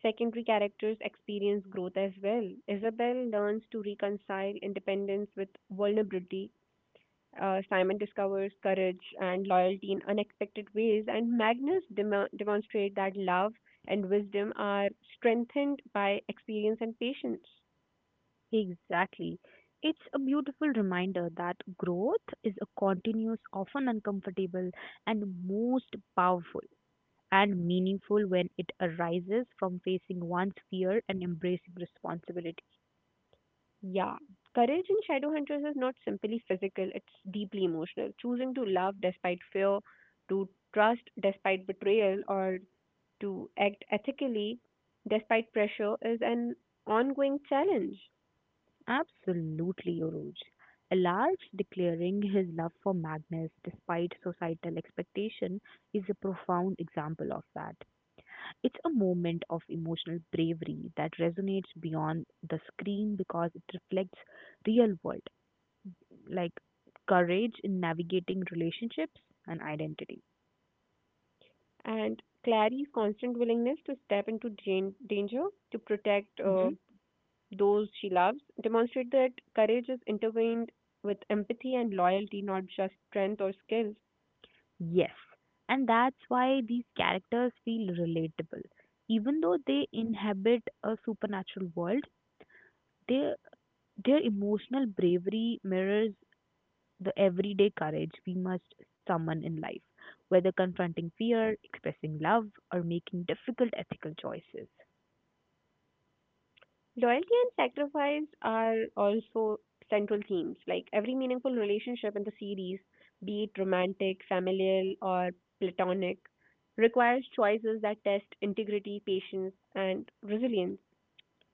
Speaker 2: secondary characters experience growth as well. Isabel learns to reconcile independence with vulnerability. Simon discovers courage and loyalty in unexpected ways, and Magnus demonstrates that love and wisdom are strengthened by experience and patience.
Speaker 1: Exactly. It's a beautiful reminder that growth is a continuous, often uncomfortable, and most powerful and meaningful when it arises from facing one's fear and embracing responsibility.
Speaker 2: Yeah. Courage in Shadowhunters is not simply physical, it's deeply emotional. Choosing to love despite fear, to trust despite betrayal, or to act ethically despite pressure is an ongoing challenge.
Speaker 1: Absolutely, Uruj. Alarj declaring his love for Magnus despite societal expectation is a profound example of that. It's a moment of emotional bravery that resonates beyond the screen because it reflects real world, like courage in navigating relationships and identity.
Speaker 2: And Clary's constant willingness to step into danger to protect
Speaker 1: hmm
Speaker 2: those she loves demonstrate that courage is intertwined with empathy and loyalty, not just strength or skill.
Speaker 1: Yes, and that's why these characters feel relatable. Even though they inhabit a supernatural world, their their emotional bravery mirrors the everyday courage we must summon in life, whether confronting fear, expressing love, or making difficult ethical choices.
Speaker 2: Loyalty and sacrifice are also central themes. Like every meaningful relationship in the series, be it romantic, familial, or platonic, requires choices that test integrity, patience, and resilience.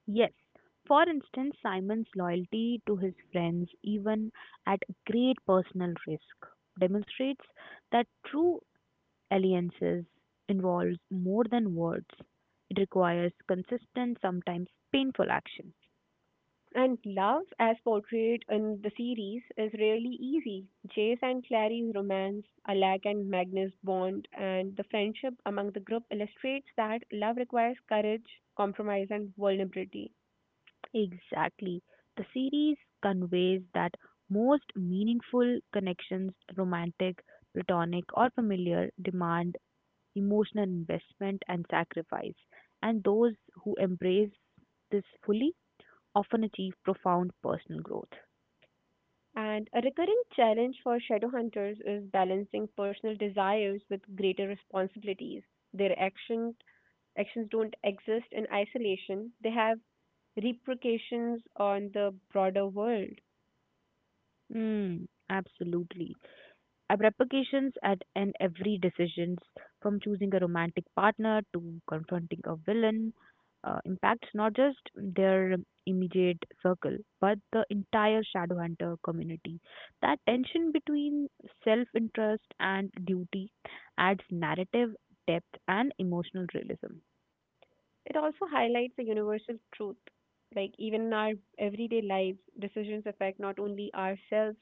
Speaker 1: Yes, for instance, Simon's loyalty to his friends, even at great personal risk, demonstrates that true alliances involves more than words. It requires consistent, sometimes painful action.
Speaker 2: And love, as portrayed in the series, is rarely easy. Jace and Clary's romance, Alak and Magnus' bond, and the friendship among the group illustrates that love requires courage, compromise, and vulnerability.
Speaker 1: Exactly. The series conveys that most meaningful connections, romantic, platonic, or familiar, demand emotional investment and sacrifice. And those who embrace this fully often achieve profound personal growth.
Speaker 2: And a recurring challenge for shadow hunters is balancing personal desires with greater responsibilities. Their actions don't exist in isolation, they have repercussions on the broader world.
Speaker 1: Mm, absolutely. I've repercussions at and every decisions from choosing a romantic partner to confronting a villain impacts not just their immediate circle but the entire shadowhunter community. That tension between self-interest and duty adds narrative depth and emotional realism.
Speaker 2: It also highlights a universal truth. Like, even in our everyday lives, decisions affect not only ourselves,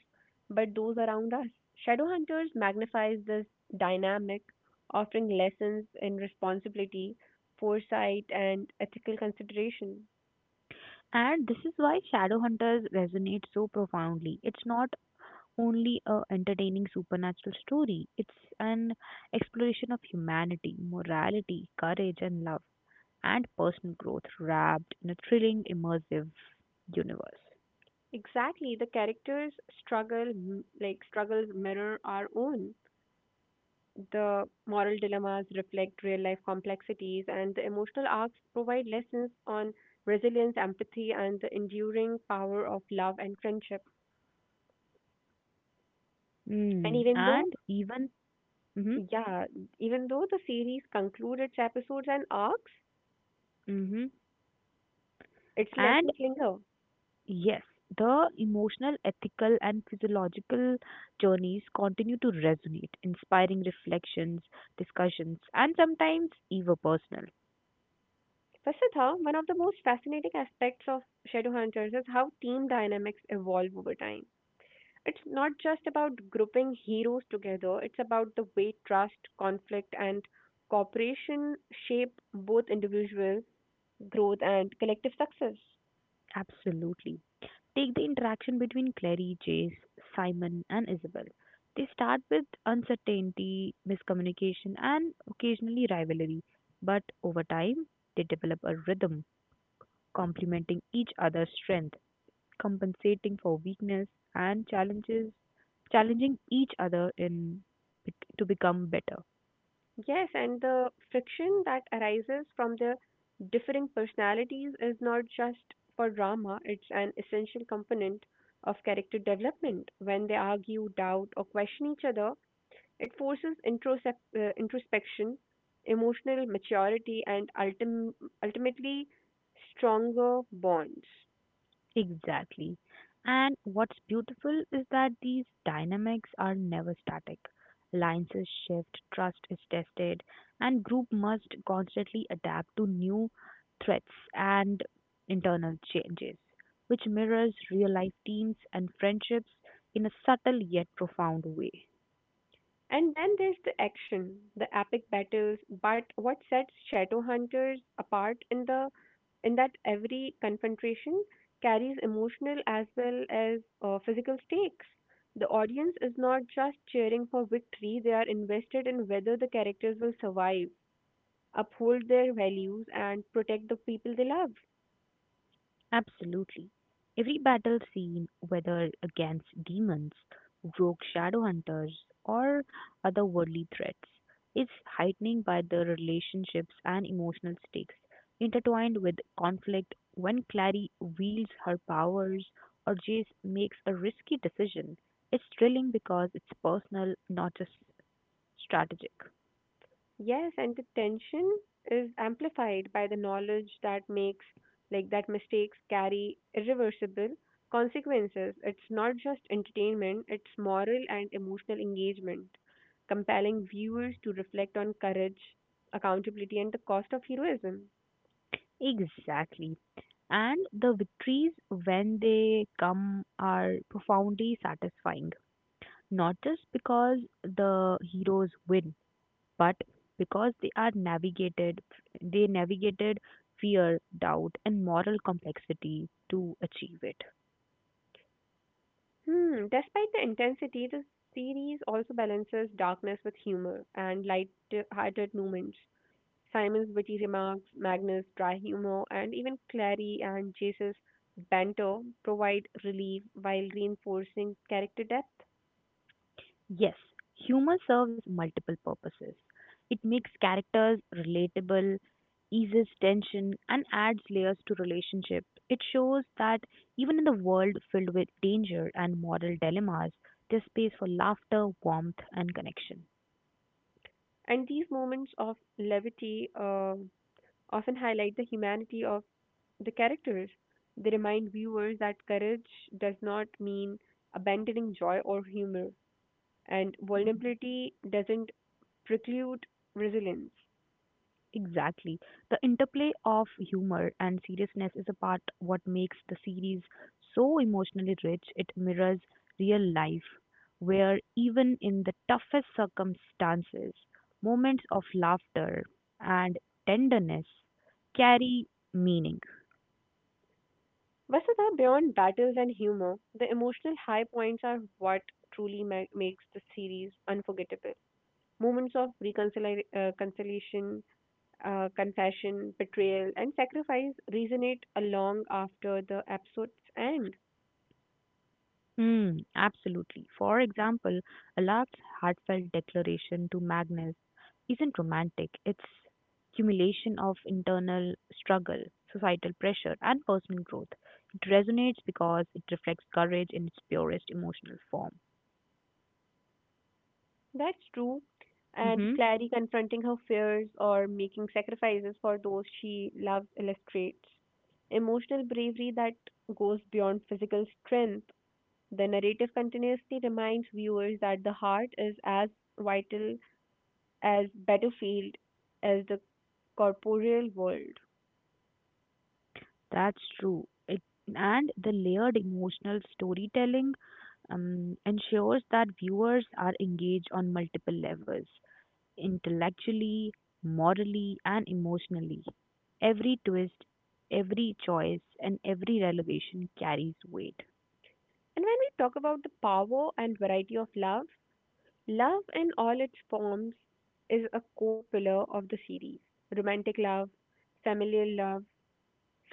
Speaker 2: but those around us. Shadowhunters magnifies this dynamic, offering lessons in responsibility, foresight, and ethical consideration.
Speaker 1: And this is why Shadowhunters resonate so profoundly. It's not only a entertaining supernatural story, it's an exploration of humanity, morality, courage and love, and personal growth wrapped in a thrilling, immersive universe.
Speaker 2: Exactly, the characters struggle, m- like struggles mirror our own. The moral dilemmas reflect real life complexities, and the emotional arcs provide lessons on resilience, empathy, and the enduring power of love and friendship.
Speaker 1: Mm.
Speaker 2: And
Speaker 1: And
Speaker 2: even though,
Speaker 1: even mm-hmm,
Speaker 2: yeah, even though the series concludes its episodes and arcs,
Speaker 1: mm-hmm.
Speaker 2: its
Speaker 1: And
Speaker 2: lessons linger.
Speaker 1: yes, the emotional, ethical, and physiological journeys continue to resonate, inspiring reflections, discussions, and sometimes even personal.
Speaker 2: Vasudha, one of the most fascinating aspects of Shadowhunters is how team dynamics evolve over time. It's not just about grouping heroes together, it's about the way trust, conflict, and cooperation shape both individual growth and collective success.
Speaker 1: Absolutely. Take the interaction between Clary, Jace, Simon, and Isabel. They start with uncertainty, miscommunication, and occasionally rivalry, but over time, they develop a rhythm, complementing each other's strength, compensating for weakness and challenges challenging each other in to become better.
Speaker 2: Yes, and the friction that arises from the differing personalities is not just for drama, it's an essential component of character development. When they argue, doubt, or question each other, it forces introspection, emotional maturity, and ultimately stronger bonds.
Speaker 1: Exactly. And what's beautiful is that these dynamics are never static. Alliances shift, trust is tested, and group must constantly adapt to new threats and internal changes, which mirrors real life teams and friendships in a subtle yet profound way.
Speaker 2: And then there's the action, the epic battles. But what sets Shadowhunters apart in the in that every confrontation carries emotional as well as physical stakes. The audience is not just cheering for victory; they are invested in whether the characters will survive, uphold their values and protect the people they love.
Speaker 1: Absolutely. Every battle scene, whether against demons, rogue shadow hunters, or otherworldly threats, is heightened by the relationships and emotional stakes intertwined with conflict. When Clary wields her powers or Jace makes a risky decision, it's thrilling because it's personal, not just strategic.
Speaker 2: Yes, and the tension is amplified by the knowledge that makes like that mistakes carry irreversible consequences. It's not just entertainment, it's moral and emotional engagement, compelling viewers to reflect on courage, accountability and the cost of heroism.
Speaker 1: Exactly. And the victories when they come are profoundly satisfying. Not just because the heroes win, but because they navigated fear, doubt and moral complexity to achieve it.
Speaker 2: Hmm, despite the intensity, the series also balances darkness with humor and light-hearted moments. Simon's witty remarks, Magnus' dry humor, and even Clary and Jace's banter provide relief while reinforcing character depth.
Speaker 1: Yes, humor serves multiple purposes. It makes characters relatable, eases tension, and adds layers to relationship. It shows that even in the world filled with danger and moral dilemmas, there's space for laughter, warmth, and connection.
Speaker 2: And these moments of levity often highlight the humanity of the characters. They remind viewers that courage does not mean abandoning joy or humor, and vulnerability doesn't preclude resilience.
Speaker 1: Exactly. The interplay of humor and seriousness is a part what makes the series so emotionally rich. It mirrors real life, where even in the toughest circumstances, moments of laughter and tenderness carry meaning.
Speaker 2: Vasudha, beyond battles and humor, the emotional high points are what truly makes the series unforgettable. Moments of reconciliation, conciliation, confession, betrayal, and sacrifice resonate long after the episode's end.
Speaker 1: Hmm, absolutely. For example, Allard's heartfelt declaration to Magnus isn't romantic, it's accumulation of internal struggle, societal pressure, and personal growth. It resonates because it reflects courage in its purest emotional form.
Speaker 2: That's true. And
Speaker 1: Mm-hmm.
Speaker 2: Clary confronting her fears or making sacrifices for those she loves illustrates emotional bravery that goes beyond physical strength. The narrative continuously reminds viewers that the heart is as vital as battlefield, as the corporeal world.
Speaker 1: That's true. It, and the layered emotional storytelling ensures that viewers are engaged on multiple levels, intellectually, morally, and emotionally. Every twist, every choice, and every revelation carries weight.
Speaker 2: And when we talk about the power and variety of love, love in all its forms is a core pillar of the series. Romantic love, familial love,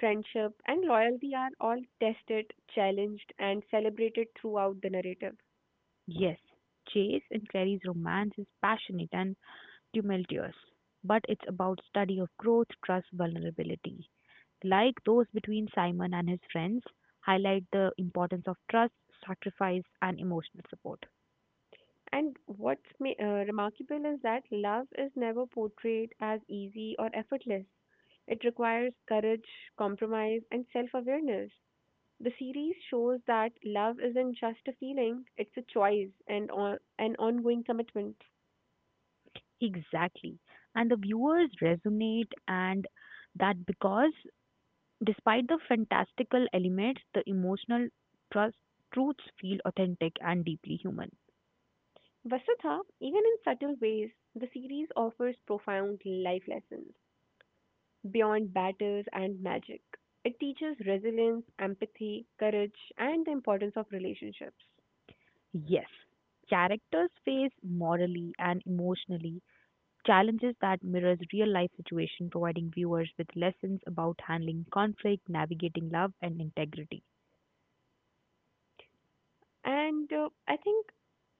Speaker 2: friendship, and loyalty are all tested, challenged, and celebrated throughout the narrative.
Speaker 1: Yes, Chase and Clary's romance is passionate and tumultuous, but it's about study of growth, trust, vulnerability. Like those between Simon and his friends, highlight the importance of trust, sacrifice, and emotional support.
Speaker 2: And what's remarkable is that love is never portrayed as easy or effortless. It requires courage, compromise, and self awareness. The series shows that love isn't just a feeling, it's a choice and an ongoing commitment.
Speaker 1: Exactly. And the viewers resonate and that because despite the fantastical elements, the emotional trust, truths feel authentic and deeply human.
Speaker 2: Vasudha, even in subtle ways, the series offers profound life lessons beyond battles and magic. It teaches resilience, empathy, courage, and the importance of relationships.
Speaker 1: Yes, characters face morally and emotionally challenges that mirrors real life situation, providing viewers with lessons about handling conflict, navigating love and integrity.
Speaker 2: And I think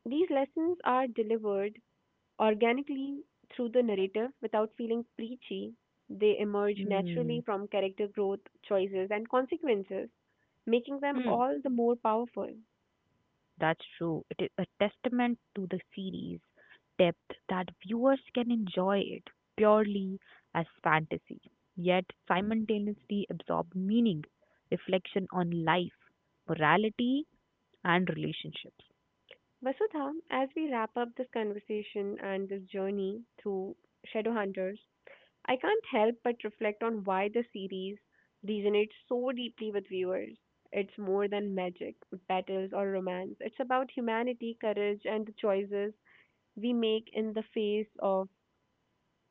Speaker 2: these lessons are delivered organically through the narrative without feeling preachy. They emerge
Speaker 1: Hmm.
Speaker 2: naturally from character growth, choices, and consequences, making them
Speaker 1: Hmm.
Speaker 2: all the more powerful.
Speaker 1: That's true. It is a testament to the series' depth that viewers can enjoy it purely as fantasy, yet simultaneously absorb meaning, reflection on life, morality, and relationships.
Speaker 2: Vasudha, as we wrap up this conversation and this journey through Shadowhunters, I can't help but reflect on why the series resonates so deeply with viewers. It's more than magic, battles, or romance. It's about humanity, courage, and the choices we make in the face of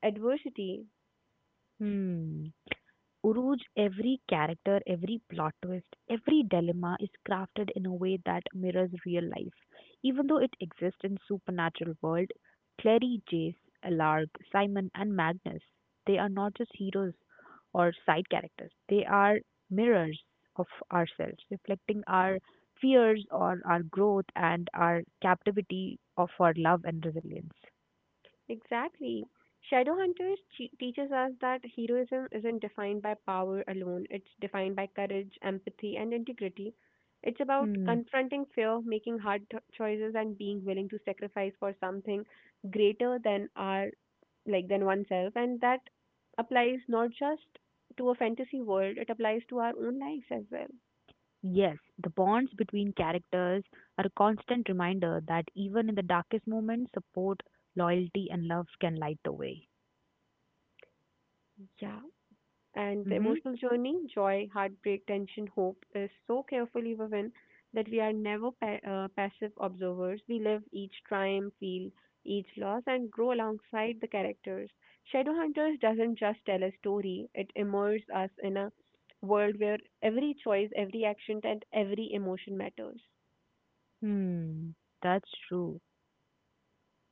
Speaker 2: adversity.
Speaker 1: Hmm. Uruj, every character, every plot twist, every dilemma is crafted in a way that mirrors real life. Even though it exists in supernatural world, Clary, Jace, Alarg, Simon, and Magnus, they are not just heroes or side characters. They are mirrors of ourselves, reflecting our fears or our growth and our captivity of our love and resilience.
Speaker 2: Exactly. Shadowhunters teaches us that heroism isn't defined by power alone, it's defined by courage, empathy, and integrity. It's about
Speaker 1: Hmm.
Speaker 2: confronting fear, making hard choices, and being willing to sacrifice for something greater than our like than oneself, and that applies not just to a fantasy world, it applies to our own lives as well.
Speaker 1: Yes, the bonds between characters are a constant reminder that even in the darkest moments, support, loyalty, and love can light the way.
Speaker 2: Yeah. And the
Speaker 1: Mm-hmm.
Speaker 2: emotional journey, joy, heartbreak, tension, hope, is so carefully woven that we are never passive observers. We live each triumph, feel each loss, and grow alongside the characters. Shadowhunters doesn't just tell a story, it immerses us in a world where every choice, every action, and every emotion matters.
Speaker 1: Hmm, that's true.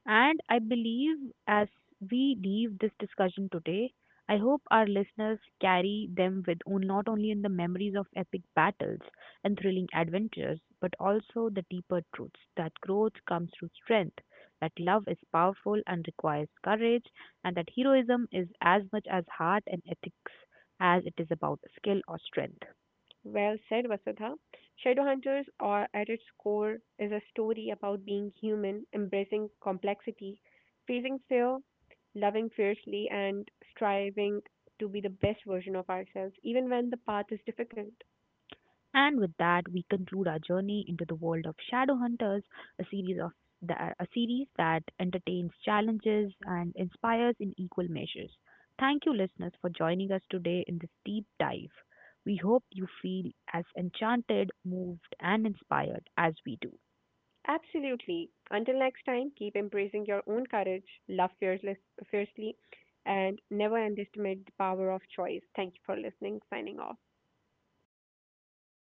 Speaker 1: And I believe as we leave this discussion today, I hope our listeners carry them with not only in the memories of epic battles and thrilling adventures, but also the deeper truths that growth comes through strength, that love is powerful and requires courage, and that heroism is as much as heart and ethics as it is about skill or strength.
Speaker 2: Well said, Vasudha. Shadowhunters, or at its core, is a story about being human, embracing complexity, facing fear, loving fiercely, and striving to be the best version of ourselves, even when the path is difficult.
Speaker 1: And with that, we conclude our journey into the world of Shadowhunters, a series of a series that entertains, challenges, and inspires in equal measures. Thank you, listeners, for joining us today in this deep dive. We hope you feel as enchanted, moved, and inspired as we do.
Speaker 2: Absolutely. Until next time, keep embracing your own courage, love fearless, fiercely, and never underestimate the power of choice. Thank you for listening. Signing off.